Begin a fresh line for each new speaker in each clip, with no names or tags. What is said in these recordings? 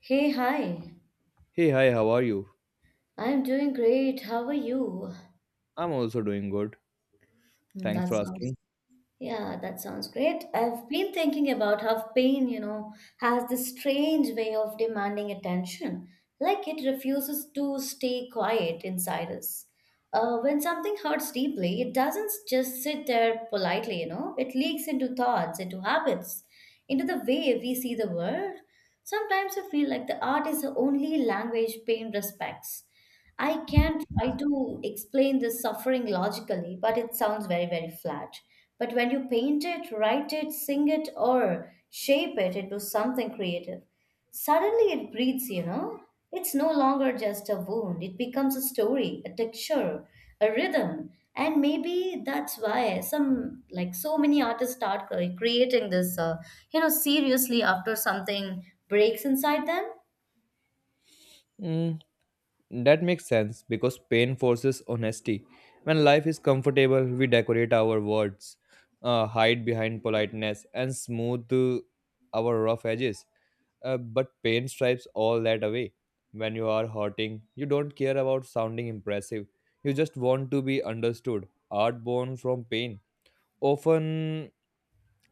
Hey, hi.
Hey, hi, how are you?
I'm doing great. How are you?
I'm also doing good. Thanks
That
for
sounds,
asking.
yeah, that sounds great. I've been thinking about how pain, you know, has this strange way of demanding attention. Like it refuses to stay quiet inside us. When something hurts deeply, it doesn't just sit there politely, you know, it leaks into thoughts, into habits, into the way we see the world. Sometimes I feel like the art is the only language pain respects. I can't try to explain this suffering logically, but it sounds very, very flat. But when you paint it, write it, sing it, or shape it into something creative, suddenly it breathes, you know? It's no longer just a wound, it becomes a story, a texture, a rhythm. And maybe that's why some, like so many artists start creating this, seriously after something breaks inside them.
Mm, that makes sense because pain forces honesty. When life is comfortable, we decorate our words, hide behind politeness, and smooth our rough edges. But pain stripes all that away. When you are hurting, you don't care about sounding impressive. You just want to be understood. Art born from pain often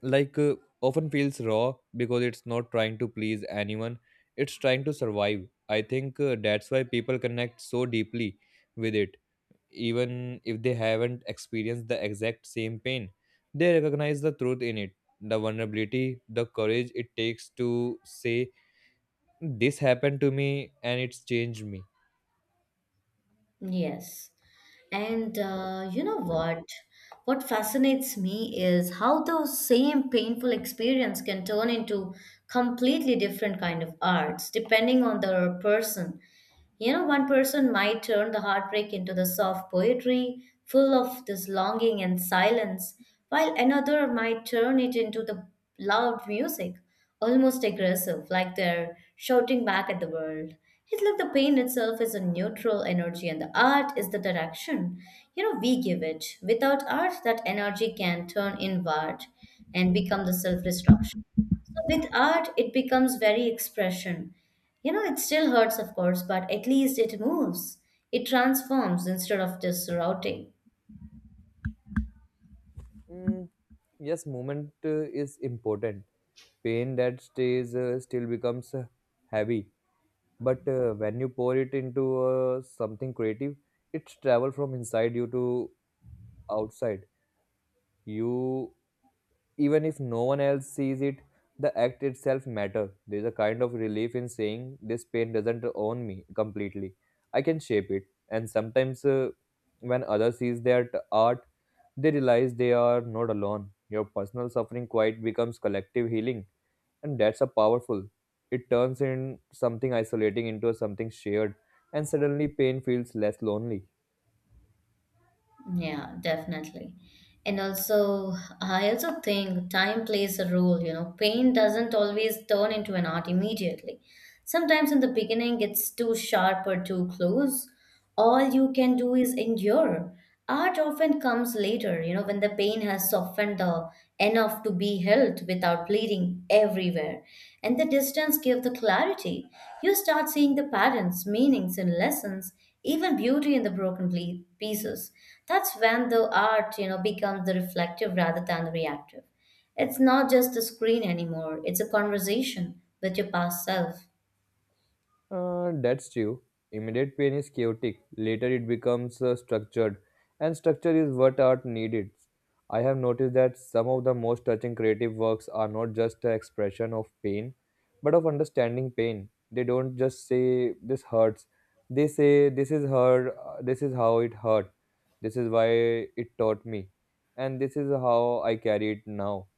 like often feels raw because it's not trying to please anyone. It's trying to survive. I think that's why people connect so deeply with it, even if they haven't experienced the exact same pain. They recognize the truth in it, the vulnerability, the courage it takes to say this happened to me and it's changed me.
Yes. And you know what? What fascinates me is how the same painful experience can turn into completely different kind of arts depending on the person. You know, one person might turn the heartbreak into the soft poetry, full of this longing and silence, while another might turn it into the loud music, almost aggressive, like they're shouting back at the world. It's like the pain itself is a neutral energy and the art is the direction. You know, we give it. Without art, that energy can turn inward and become the self destruction. So with art it becomes very expression, you know, it still hurts of course but at least it moves, it transforms instead of just routing.
Mm, yes, movement is important. Pain that stays still becomes heavy, but when you pour it into something creative, it's travel from inside you to outside you. Even if no one else sees it, the act itself matter. There's a kind of relief in saying this pain doesn't own me completely. I can shape it. And sometimes when others sees that art, they realize they are not alone. Your personal suffering quite becomes collective healing, and that's a powerful. It turns in something isolating into something shared, and suddenly pain feels less lonely.
Yeah, definitely. And also, I also think time plays a role, you know. Pain doesn't always turn into an art immediately. Sometimes in the beginning, it's too sharp or too close. All you can do is endure. Art often comes later, you know, when the pain has softened enough to be held without bleeding everywhere. And the distance gives the clarity. You start seeing the patterns, meanings, and lessons, even beauty in the broken pieces. That's when the art, you know, becomes the reflective rather than the reactive. It's not just a screen anymore, it's a conversation with your past self.
That's true. Immediate pain is chaotic. Later, it becomes structured, and structure is what art needed. I have noticed that some of the most touching creative works are not just an expression of pain, but of understanding pain. They don't just say this hurts. They say this is hurt. This is how it hurt. This is why it taught me, and this is how I carry it now.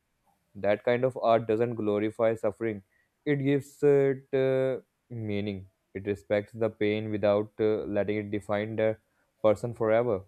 That kind of art doesn't glorify suffering, it gives it meaning. It respects the pain without letting it define the person forever.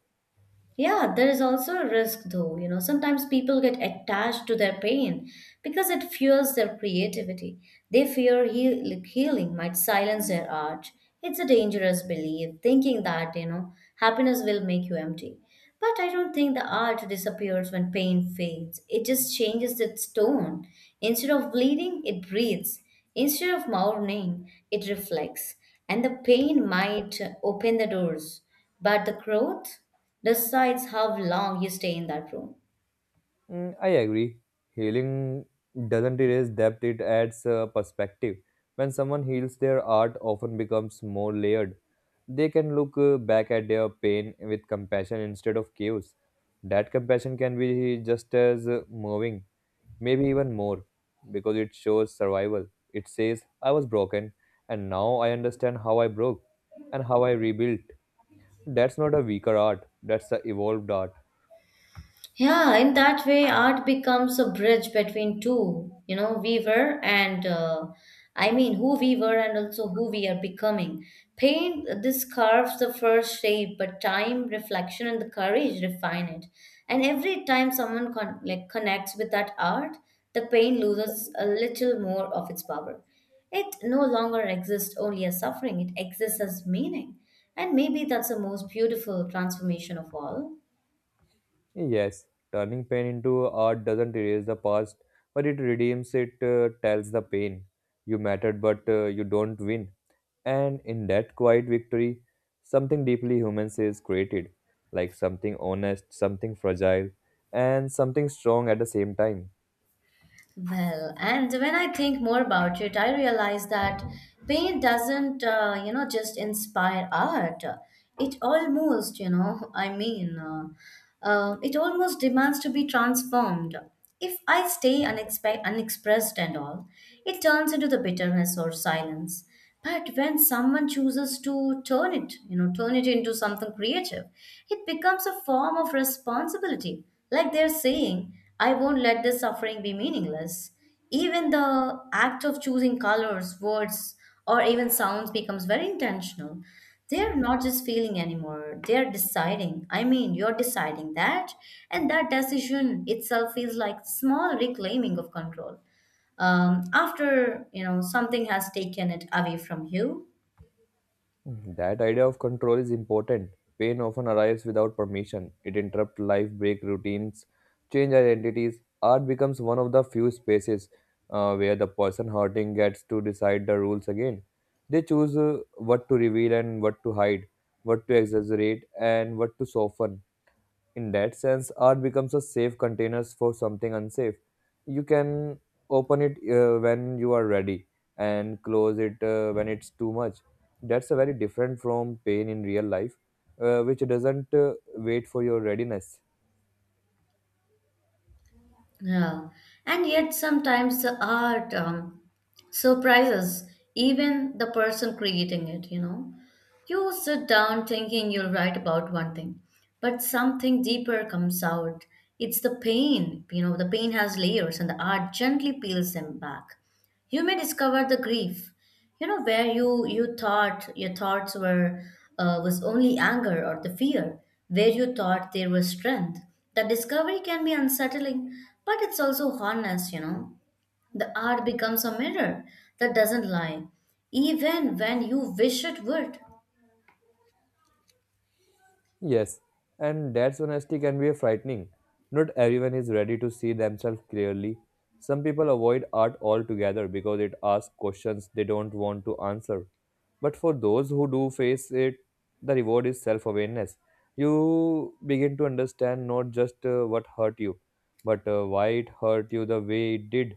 Yeah, there is also a risk though. You know, sometimes people get attached to their pain because it fuels their creativity. They fear healing might silence their art. It's a dangerous belief, thinking that, you know, happiness will make you empty. But I don't think the art disappears when pain fades. It just changes its tone. Instead of bleeding, it breathes. Instead of mourning, it reflects. And the pain might open the doors. But the growth decides how long you stay in that room.
Mm, I agree. Healing doesn't erase depth, it adds perspective. When someone heals, their art often becomes more layered. They can look back at their pain with compassion instead of chaos. That compassion can be just as moving, maybe even more, because it shows survival. It says, I was broken, and now I understand how I broke and how I rebuilt. That's not a weaker art, that's the evolved art.
Yeah, in that way, art becomes a bridge between two, you know, we were and I mean, who we were and also who we are becoming. Paint this carves the first shape, but time, reflection, and the courage refine it. And every time someone connects with that art, the pain loses a little more of its power. It no longer exists only as suffering; it exists as meaning. And maybe that's the most beautiful transformation of all.
Yes, turning pain into art doesn't erase the past, but it redeems it, tells the pain. You mattered, but you don't win. And in that quiet victory, something deeply human is created, like something honest, something fragile, and something strong at the same time.
Well, and when I think more about it, I realize that paint doesn't, just inspire art. It almost, you know, it almost demands to be transformed. If I stay unexpressed and all, it turns into the bitterness or silence. But when someone chooses to turn it, turn it into something creative, it becomes a form of responsibility. Like they're saying, I won't let this suffering be meaningless. Even the act of choosing colors, words, or even sounds becomes very intentional. They're not just feeling anymore, they're deciding. I mean, you're deciding that, and that decision itself feels like small reclaiming of control after, you know, something has taken it away from you.
Mhm. That idea of control is important. Pain often arrives without permission. It interrupts life, break routines, change identities. Art becomes one of the few spaces where the person hurting gets to decide the rules again. They choose what to reveal and what to hide, what to exaggerate and what to soften. In that sense, art becomes a safe containers for something unsafe. You can open it when you are ready, and close it when it's too much. That's a very different from pain in real life, which doesn't wait for your readiness.
Yeah. And yet sometimes the art, surprises even the person creating it, you know. You sit down thinking you'll write about one thing but something deeper comes out. It's the pain, you know, the pain has layers and the art gently peels them back. You may discover the grief, you know, where you thought your thoughts were, was only anger or the fear, where you thought there was strength. The discovery can be unsettling but it's also honest, you know. The art becomes a mirror that doesn't lie, even when you wish it would.
Yes, and that's honesty can be frightening. Not everyone is ready to see themselves clearly. Some people avoid art altogether because it asks questions they don't want to answer. But for those who do face it, the reward is self awareness. You begin to understand not just what hurt you, but why it hurt you the way it did.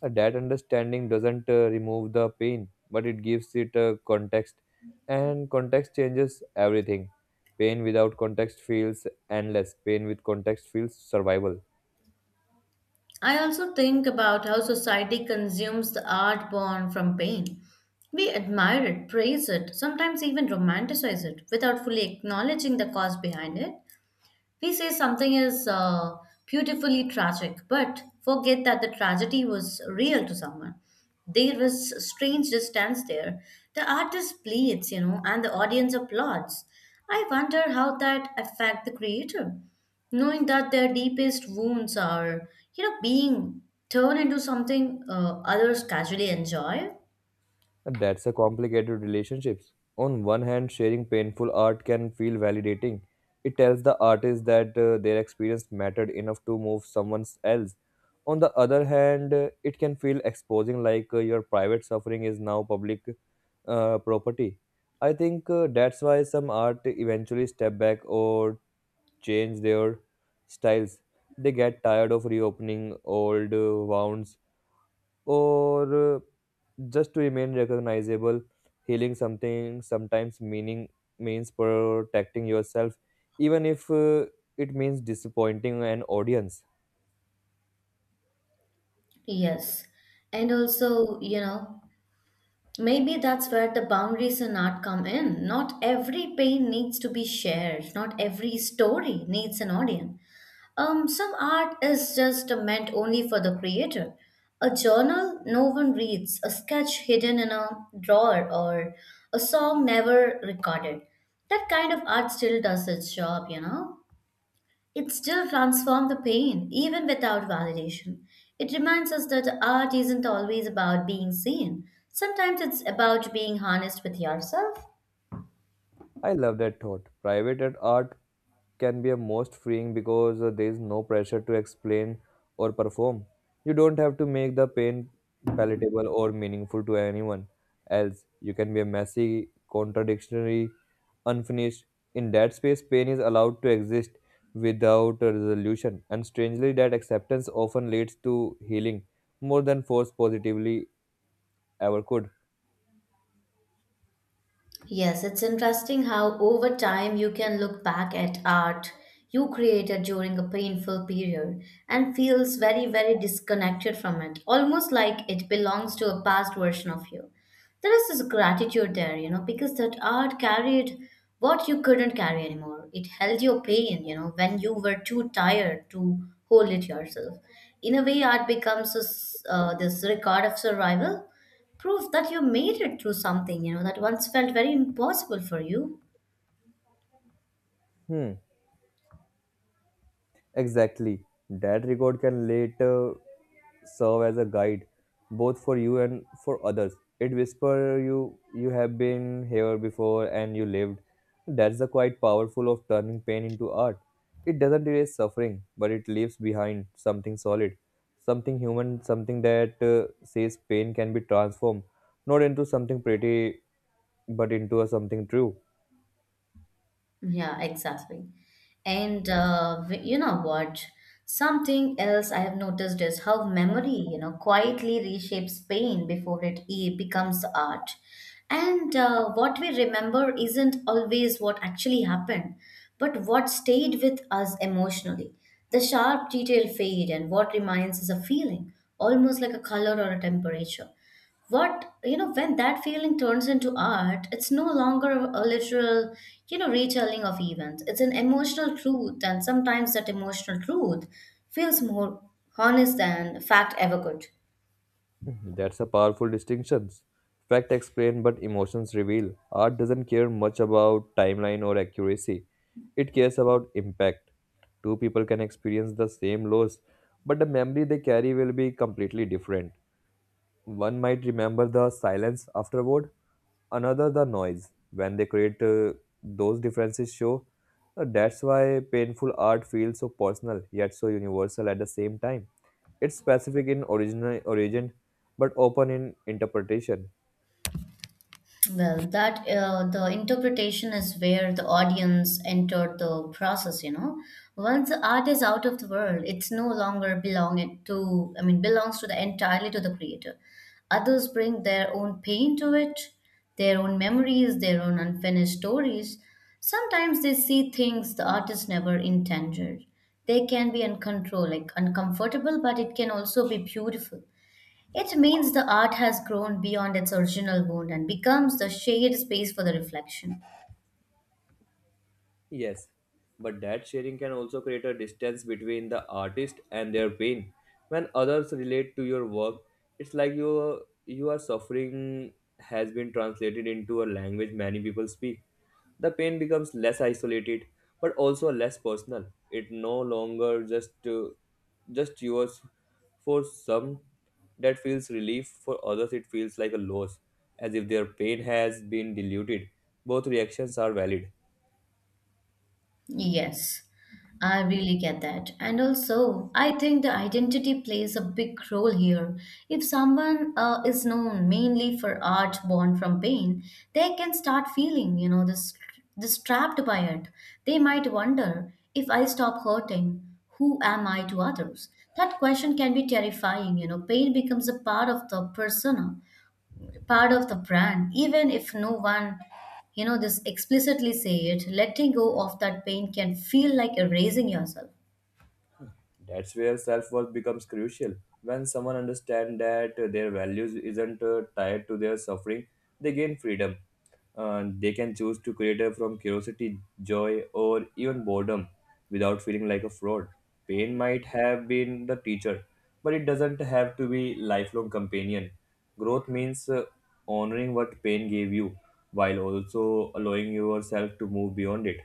That understanding doesn't remove the pain, but it gives it a context, and context changes everything. Pain without context feels endless. Pain with context feels survival.
I also think about how society consumes the art born from pain. We admire it, praise it, sometimes even romanticize it without fully acknowledging the cause behind it. We say something is beautifully tragic, but forget that the tragedy was real to someone. There was a strange distance there. The artist bleeds, you know, and the audience applauds. I wonder how that affect the creator, knowing that their deepest wounds are, you know, being turned into something others casually enjoy.
And that's a complicated relationships. On one hand, sharing painful art can feel validating. It tells the artist that their experience mattered enough to move someone else. On the other hand, it can feel exposing, like your private suffering is now public property. I think that's why some art eventually step back or change their styles. They get tired of reopening old wounds or just to remain recognizable. Healing something sometimes meaning means protecting yourself, even if it means disappointing an audience.
Yes. And also, you know, maybe that's where the boundaries in art come in. Not every pain needs to be shared. Not every story needs an audience. Some art is just meant only for the creator. A journal no one reads, a sketch hidden in a drawer, or a song never recorded. That kind of art still does its job, you know? It still transforms the pain, even without validation. It reminds us that art isn't always about being seen. Sometimes it's about being honest with yourself.
I love that thought. Private at art can be a most freeing because there is no pressure to explain or perform. You don't have to make the pain palatable or meaningful to anyone else. You can be a messy, contradictory, unfinished. In that space, pain is allowed to exist without a resolution, and strangely, that acceptance often leads to healing more than force positively ever could.
Yes, it's interesting how over time you can look back at art you created during a painful period and feels very, very disconnected from it, almost like it belongs to a past version of you. There is this gratitude there, you know, because that art carried what you couldn't carry anymore. It held your pain, you know, when you were too tired to hold it yourself. In a way, art becomes a s this record of survival, proof that you made it through something, you know, that once felt very impossible for you.
Hmm. Exactly. That record can later serve as a guide, both for you and for others. It whispers you have been here before and you lived. That's the quite powerful of turning pain into art. It doesn't erase suffering, but it leaves behind something solid, something human, something that says pain can be transformed, not into something pretty, but into a something true.
Yeah, exactly. And you know what, something else I have noticed is how memory, you know, quietly reshapes pain before it becomes art. And what we remember isn't always what actually happened but what stayed with us emotionally. The sharp detail fade and what remains is a feeling, almost like a color or a temperature. What you know when that feeling turns into art, it's no longer a literal, you know, retelling of events. It's an emotional truth and sometimes that emotional truth feels more honest than fact ever could.
Mhm, that's a powerful distinction. Fact explain, but emotions reveal. Art doesn't care much about timeline or accuracy. It cares about impact. Two people can experience the same loss, but the memory they carry will be completely different. One might remember the silence afterward, another the noise. When they create those differences, show. That's why painful art feels so personal yet so universal at the same time. It's specific in origin, but open in interpretation.
Well, that the interpretation is where the audience entered the process, you know. Once the art is out of the world, it's no longer belonging to, I mean, belongs to the entirely to the creator. Others bring their own pain to it, their own memories, their own unfinished stories. Sometimes they see things the artist never intended. They can be uncontrolled, like uncomfortable, but it can also be beautiful. It means the art has grown beyond its original wound and becomes the shared space for the reflection.
Yes, but that sharing can also create a distance between the artist and their pain. When others relate to your work, it's like your suffering has been translated into a language many people speak. The pain becomes less isolated, but also less personal. It no longer just yours. For some, that feels relief. For others, it feels like a loss, as if their pain has been diluted. Both reactions are valid.
Yes, I really get that. And also, I think the identity plays a big role here. If someone is known mainly for art born from pain, they can start feeling, you know, this trapped by it. They might wonder if I stop hurting, who am I to others? That question can be terrifying, you know. Pain becomes a part of the persona, part of the brand, even if no one, you know, this explicitly say it. Letting go of that pain can feel like erasing yourself.
That's where self worth becomes crucial. When someone understands that their values isn't tied to their suffering, they gain freedom. They can choose to create from curiosity, joy, or even boredom without feeling like a fraud. Pain might have been the teacher, but it doesn't have to be lifelong companion. Growth means honoring what pain gave you while also allowing yourself to move beyond it.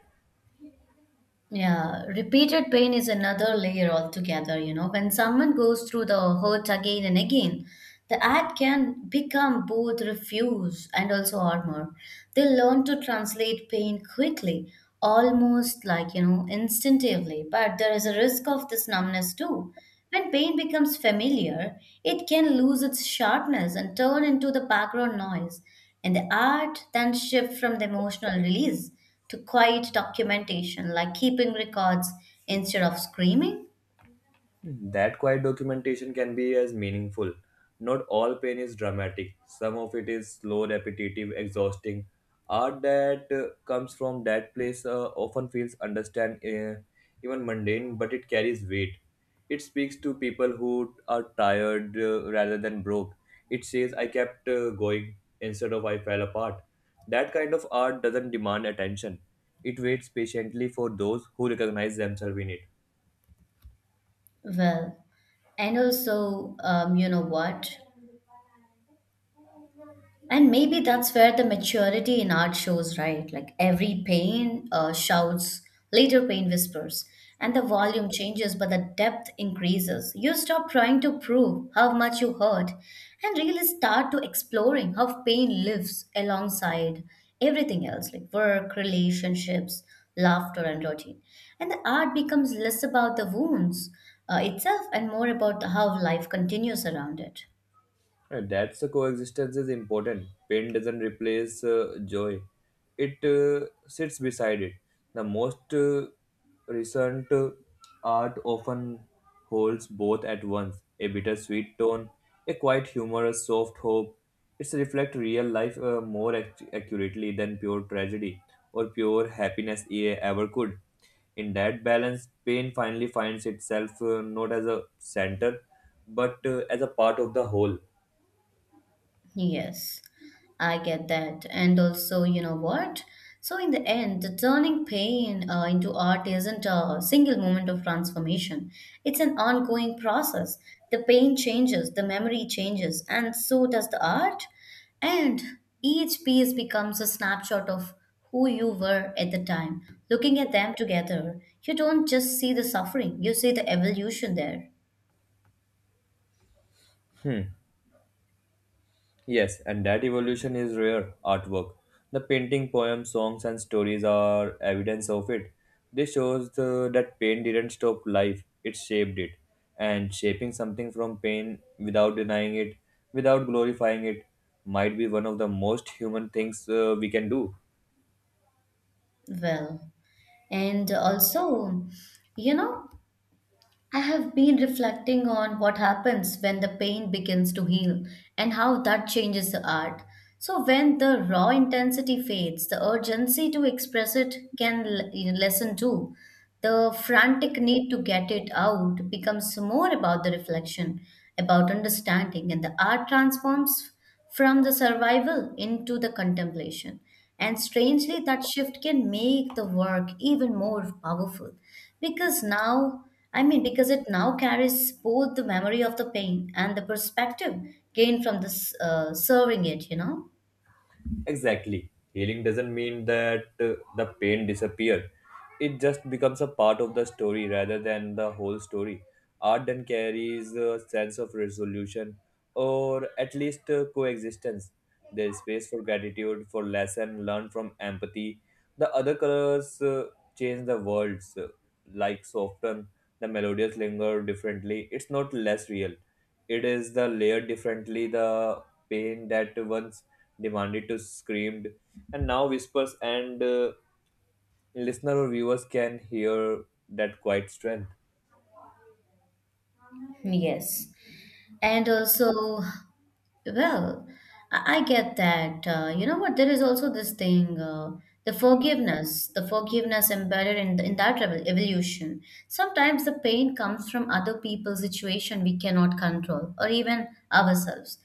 Yeah, repeated pain is another layer altogether, you know. When someone goes through the hurt again and again, the act can become both refuse and also armor. They learn to translate pain quickly, almost like, you know, instinctively, but there is a risk of this numbness too. When pain becomes familiar, it can lose its sharpness and turn into the background noise, and the art then shift from the emotional release to quiet documentation, like keeping records instead of screaming.
That quiet documentation can be as meaningful. Not all pain is dramatic. Some of it is slow, repetitive, exhausting. Art that comes from that place often feels understand even mundane, but it carries weight. It speaks to people who are tired rather than broke. It says, "I kept going instead of I fell apart." That kind of art doesn't demand attention. It waits patiently for those who recognize themselves in it.
Well, and also, you know what? And maybe that's where the maturity in art shows, right? Like every pain shouts, later pain whispers, and the volume changes, but the depth increases. You stop trying to prove how much you hurt and really start to exploring how pain lives alongside everything else, like work, relationships, laughter, and routine. And the art becomes less about the wounds itself and more about how life continues around it.
And that's the coexistence is important. Pain doesn't replace joy, it sits beside it. The most recent art often holds both at once, a bittersweet tone, a quiet humorous soft hope. It's reflect real life more accurately than pure tragedy or pure happiness ever could. In that balance, pain finally finds itself not as a center but as a part of the whole.
Yes, I get that. And also, you know what? So, in the end, the turning pain into art isn't a single moment of transformation, it's an ongoing process. The pain changes, the memory changes, and so does the art. And each piece becomes a snapshot of who you were at the time. Looking at them together, you don't just see the suffering, you see the evolution there.
Hmm. Yes, and that evolution is rare artwork. The painting, poems, songs, and stories are evidence of it. This shows that pain didn't stop life, it shaped it. And shaping something from pain without denying it, without glorifying it, might be one of the most human things we can do.
Well, and also, you know, I have been reflecting on what happens when the pain begins to heal and how that changes the art. So, when the raw intensity fades, the urgency to express it can lessen too. The frantic need to get it out becomes more about the reflection, about understanding, and the art transforms from the survival into the contemplation. And strangely, that shift can make the work even more powerful because now because it now carries both the memory of the pain and the perspective gained from this serving it.
Exactly. Healing doesn't mean that the pain disappears. It just becomes a part of the story rather than the whole story. Art then carries a sense of resolution, or at least coexistence. There is space for gratitude, for lesson learned from empathy. The other colors change the worlds, like soften, the melodious linger differently. It's not less real, it is the layered differently. The pain that once demanded to screamed and now whispers, and listener or viewers can hear that quiet strength.
Yes, and also, well i I get that. You know what? There is also this thing, the forgiveness, the forgiveness embedded in that evolution. Sometimes the pain comes from other people's situation we cannot control, or even ourselves.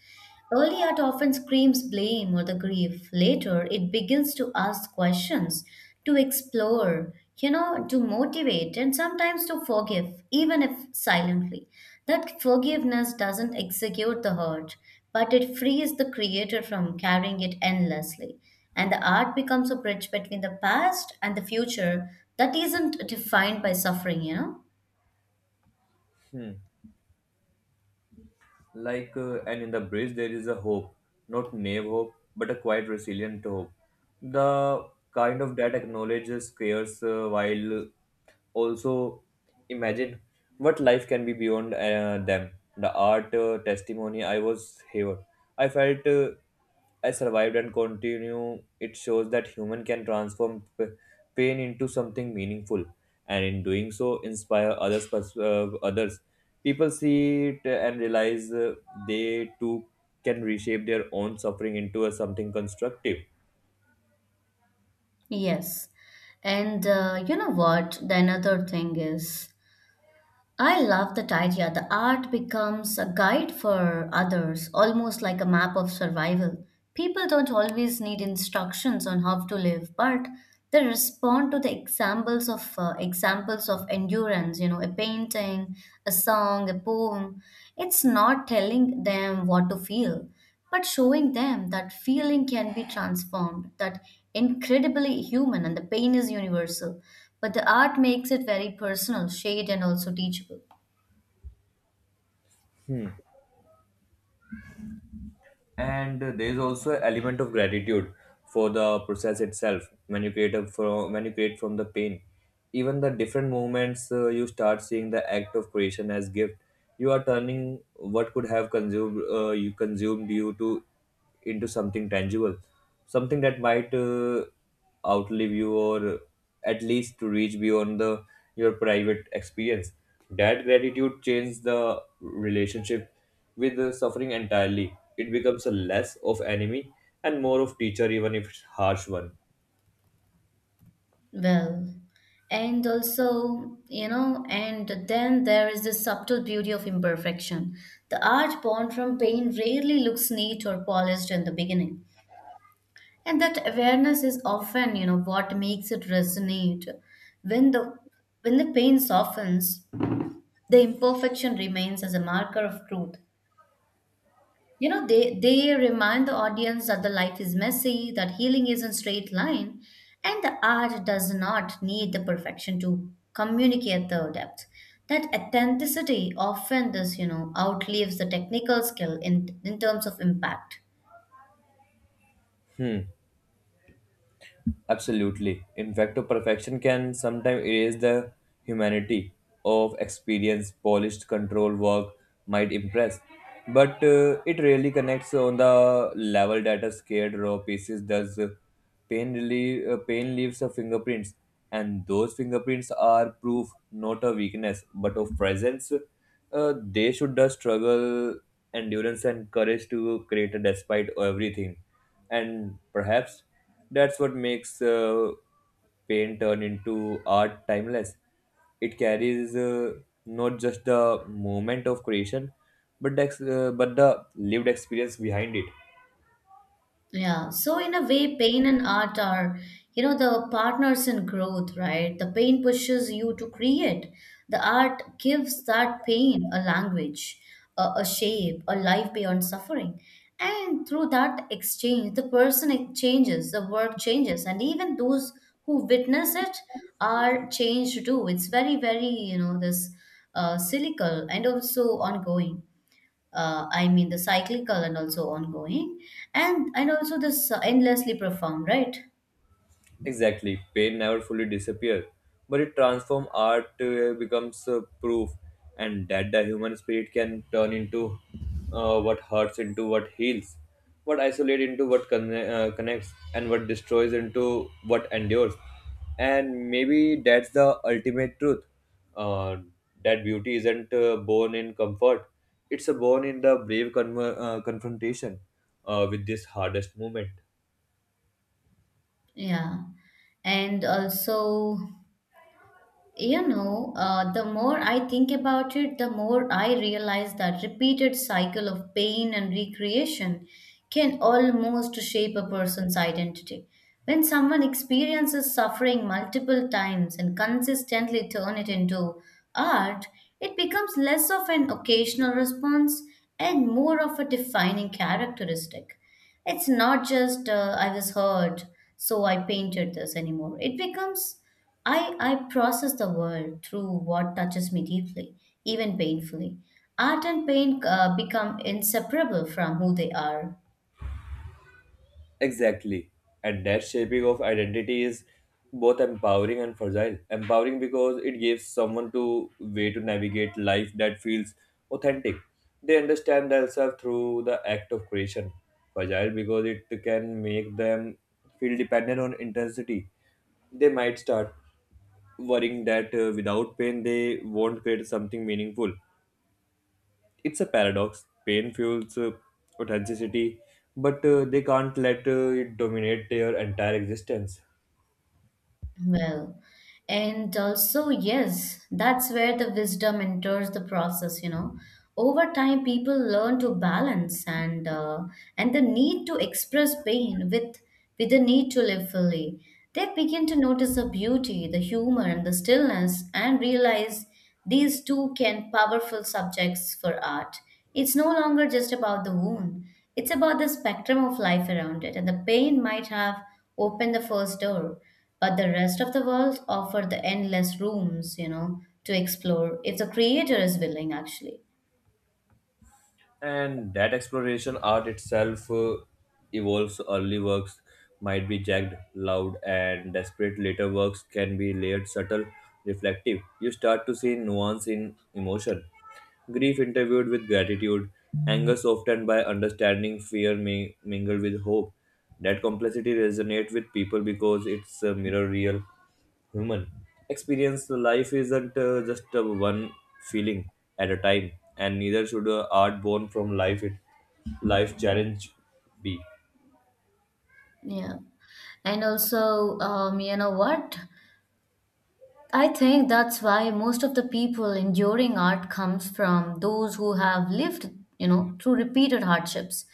Early art often screams blame or the grief. Later, it begins to ask questions, to explore, you know, to motivate, and sometimes to forgive, even if silently. That forgiveness doesn't execute the hurt, but it frees the creator from carrying it endlessly. And the art becomes a bridge between the past and the future that isn't defined by suffering, you know?
Hmm. Like and in the bridge there is a hope, not naive hope but a quite resilient hope, the kind of that acknowledges cares while also imagine what life can be beyond them. The art testimony, I was here, I felt I survived and continue. It shows that human can transform pain into something meaningful, and in doing so, inspire others. Others, people see it and realize they too can reshape their own suffering into a something constructive.
Yes. And you know what? The another thing is, I love that idea. The art becomes a guide for others, almost like a map of survival. People don't always need instructions on how to live, but they respond to the examples of endurance, you know, a painting, a song, a poem. It's not telling them what to feel but showing them that feeling can be transformed, that incredibly human and the pain is universal. But the art makes it very personal, shade, and also teachable.
And there is also an element of gratitude for the process itself when you create a from when you create from the pain, even the different movements. You start seeing the act of creation as gift. You are turning what could have consumed you to into something tangible, something that might outlive you, or at least to reach beyond the your private experience. That gratitude changes the relationship with the suffering entirely. It becomes a less of enemy and more of teacher, even if it's harsh one.
Well, and also, you know, and then there is the subtle beauty of imperfection. The art born from pain rarely looks neat or polished in the beginning. And that awareness is often, you know, what makes it resonate. When the when the pain softens, the imperfection remains as a marker of truth. You know, they remind the audience that the life is messy, that healing isn't straight line, and the art does not need the perfection to communicate the depth, that authenticity often this, you know, outlives the technical skill in terms of impact.
Hmm. Absolutely. In fact, perfection can sometimes erase the humanity of experience. Polished control work might impress, but it really connects on the level that a scared raw pieces does. Pain, relieve, pain leaves a fingerprints, and those fingerprints are proof not of weakness but of presence. They should the struggle, endurance, and courage to create despite everything. And perhaps that's what makes pain turn into art timeless. It carries not just the moment of creation, but but the lived experience behind it.
Yeah, so in a way, pain and art are, you know, the partners in growth, right? The pain pushes you to create. The art gives that pain a language, a shape, a life beyond suffering. And through that exchange, the person changes, the work changes, and even those who witness it are changed too. It's very, very, you know, this cyclical and also ongoing I mean the cyclical and also ongoing, and also this, endlessly profound, right?
Exactly, pain never fully disappears, but it transforms art becomes proof, and that the human spirit can turn into what hurts into what heals, what isolates into connects, and what destroys into what endures. And maybe that's the ultimate truth. Uh, that beauty isn't born in comfort; it's born in the brave confrontation with this hardest moment.
Yeah, and also, you know, the more I think about it, the more I realize that repeated cycle of pain and recreation can almost shape a person's identity. When someone experiences suffering multiple times and consistently turn it into art, it becomes less of an occasional response and more of a defining characteristic. It's not just, I was hurt, so I painted this anymore. It becomes, I process the world through what touches me deeply, even painfully. Art and pain become inseparable from who they are.
Exactly. And that shaping of identity is both empowering and fragile. Empowering because it gives someone to way to navigate life that feels authentic. They understand themselves through the act of creation. Fragile because it can make them feel dependent on intensity. They might start worrying that without pain they won't create something meaningful. It's a paradox. Pain fuels authenticity, but they can't let it dominate their entire existence.
Well, and also, yes, that's where the wisdom enters the process, you know. Over time, people learn to balance and the need to express pain with the need to live fully. They begin to notice the beauty, the humor, and the stillness, and realize these two can powerful subjects for art. It's no longer just about the wound. It's about the spectrum of life around it, and the pain might have opened the first door, but the rest of the world offer the endless rooms, you know, to explore if the creator is willing, actually.
And that exploration art itself evolves. Early works might be jagged, loud, and desperate. Later works can be layered, subtle, reflective. You start to see nuance in emotion, grief interviewed with gratitude, anger softened by understanding, mingled with hope. That complexity resonates with people because it's a mirror real human experience. Life isn't just one feeling at a time, and neither should art born from life it life challenge be.
Yeah. And also, you know what? I think that's why most of the people enduring art comes from those who have lived, you know, through repeated hardships.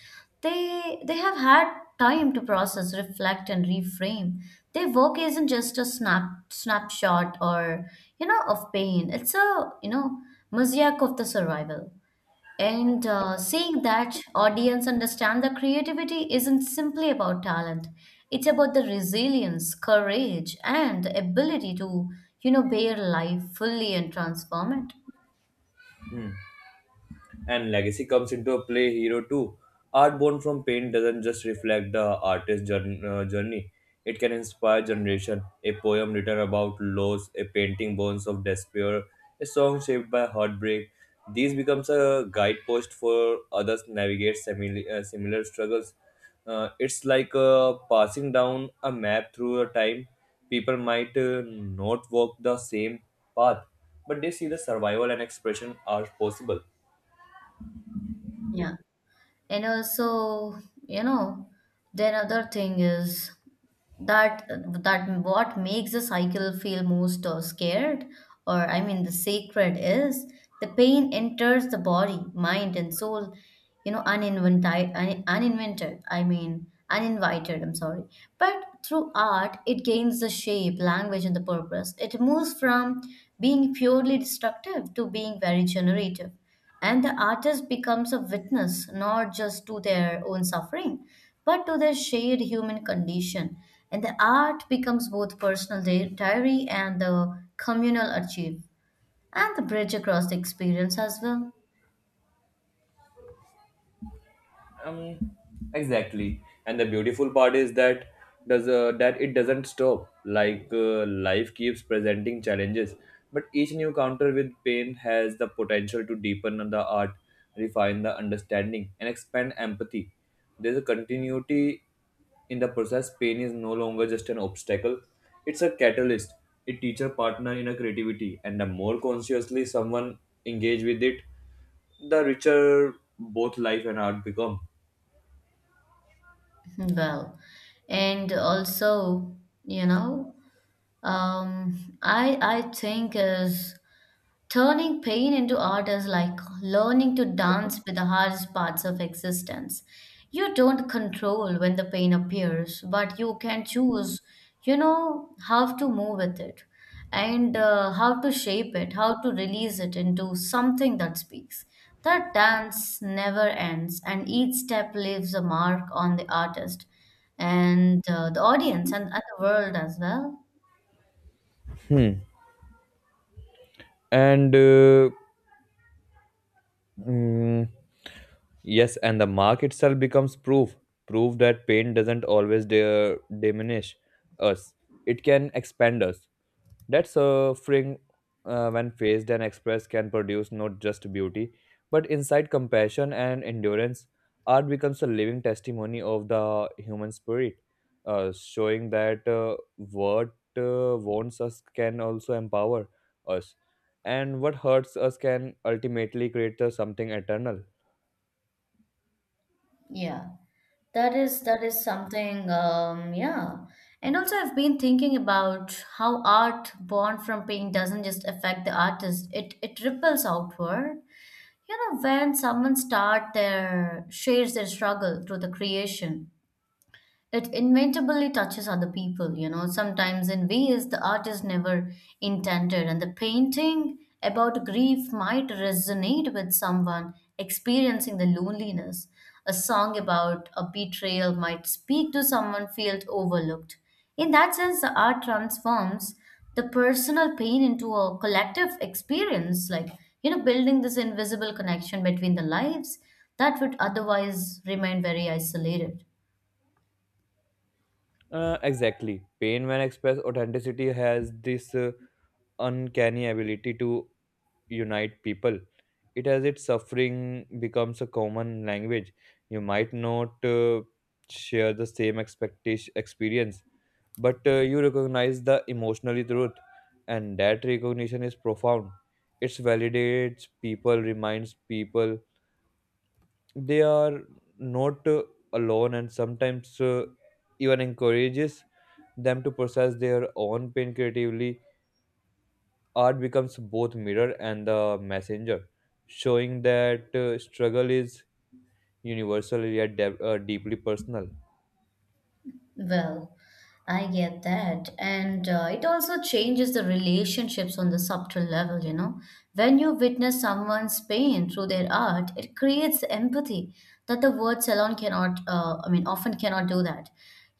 They have had time to process, reflect, and reframe. Their work isn't just a snapshot, or you know, of pain. It's a, you know, mosaic of the survival. And seeing that audience understand that creativity isn't simply about talent, it's about the resilience, courage, and ability to, you know, bear life fully and transform it.
Hmm. And legacy comes into a play hero too. Art born from pain doesn't just reflect the journey; it can inspire generation. A poem written about loss, a painting born of despair, a song shaped by heartbreak. These becomes a guidepost for others navigate similar struggles. It's like passing down a map through a time. People might not walk the same path, but they see the survival and expression are possible.
Yeah, and also, you know, then other thing is that, that what makes the cycle feel most scared or I mean the sacred is the pain enters the body, mind and soul, you know, uninvented un, uninvented I mean uninvited. I'm sorry. But through art it gains the shape, language and the purpose. It moves from being purely destructive to being very generative, and the artist becomes a witness not just to their own suffering, but to their shared human condition. And the art becomes both personal diary and the communal archive, and the bridge across the experience as well.
um exactly, and the beautiful part is that does that it doesn't stop. Like, life keeps presenting challenges, but each new counter with pain has the potential to deepen the art, refine the understanding, and expand empathy. There's a continuity in the process. Pain is no longer just an obstacle, it's a catalyst, a teacher partner in a creativity. And the more consciously someone engage with it, the richer both life and art become.
Well, and also, you know, I think is, turning pain into art is like learning to dance with the hardest parts of existence. You don't control when the pain appears, but you can choose, you know, how to move with it, and how to shape it, how to release it into something that speaks. That dance never ends, and each step leaves a mark on the artist, and the audience, and the world as well.
Hmm. And mm, yes, and the mark itself becomes proof, proof that pain doesn't always de- diminish us, it can expand us. That suffering, when faced and expressed, can produce not just beauty, but insight, compassion, and endurance. Art becomes a living testimony of the human spirit, showing that what wants us can also empower us. And what hurts us can ultimately create something eternal.
Yeah. That is something, yeah. And also, I've been thinking about how art born from pain doesn't just affect the artist; it ripples outward. You know, when someone start their shares their struggle through the creation, it inevitably touches other people, you know, sometimes in ways the artist never intended. And the painting about grief might resonate with someone experiencing the loneliness. A song about a betrayal might speak to someone felt overlooked. In that sense, the art transforms the personal pain into a collective experience, like, you know, building this invisible connection between the lives that would otherwise remain very isolated.
Exactly. Pain, when expressed authenticity, has this uncanny ability to unite people. It has its suffering becomes a common language. You might not share the same expectation experience, but you recognize the emotionally truth, and that recognition is profound. It validates people, reminds people they are not alone, and sometimes even encourages them to process their own pain creatively. Art becomes both mirror and the messenger, showing that struggle is universal yet deeply personal.
Well, I get that. And it also changes the relationships on the subtle level, you know. When you witness someone's pain through their art, it creates empathy that the words alone cannot, I mean, often cannot do that.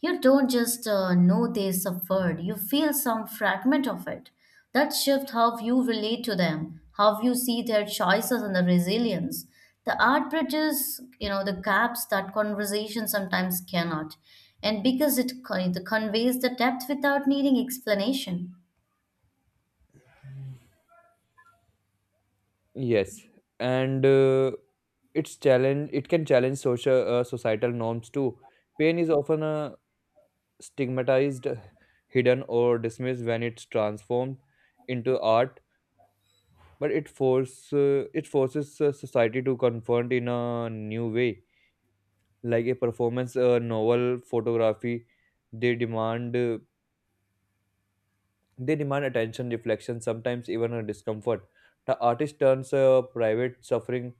You don't just know they suffered, you feel some fragment of it. That shift how you relate to them, how you see their choices and the resilience. The art bridges, you know, the gaps that conversation sometimes cannot, and because it conveys the depth without needing explanation.
Yes, and it's challenge, it can challenge social societal norms too. Pain is often stigmatized, hidden, or dismissed. When it's transformed into art, but it forces society to confront in a new way. Like a performance, a novel, photography, they demand uh, they demand attention, reflection, sometimes even a discomfort. The artist turns private suffering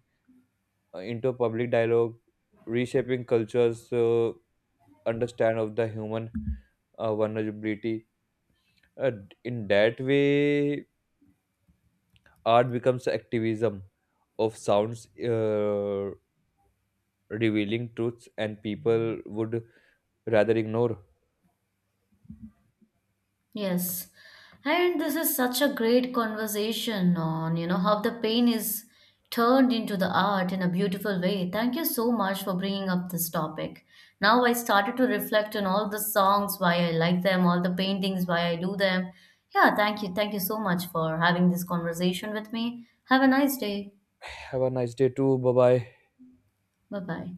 into public dialogue, reshaping cultures understand of the human vulnerability. uh, in that way, art becomes activism of sounds, revealing truths and people would rather ignore.
Yes. And this is such a great conversation on, you know, how the pain is turned into the art in a beautiful way. Thank you so much for bringing up this topic. Now I started to reflect on all the songs, why I like them, all the paintings, why I do them. Yeah, thank you. Thank you so much for having this conversation with me. Have a nice day.
Have a nice day too. Bye bye.
Bye bye.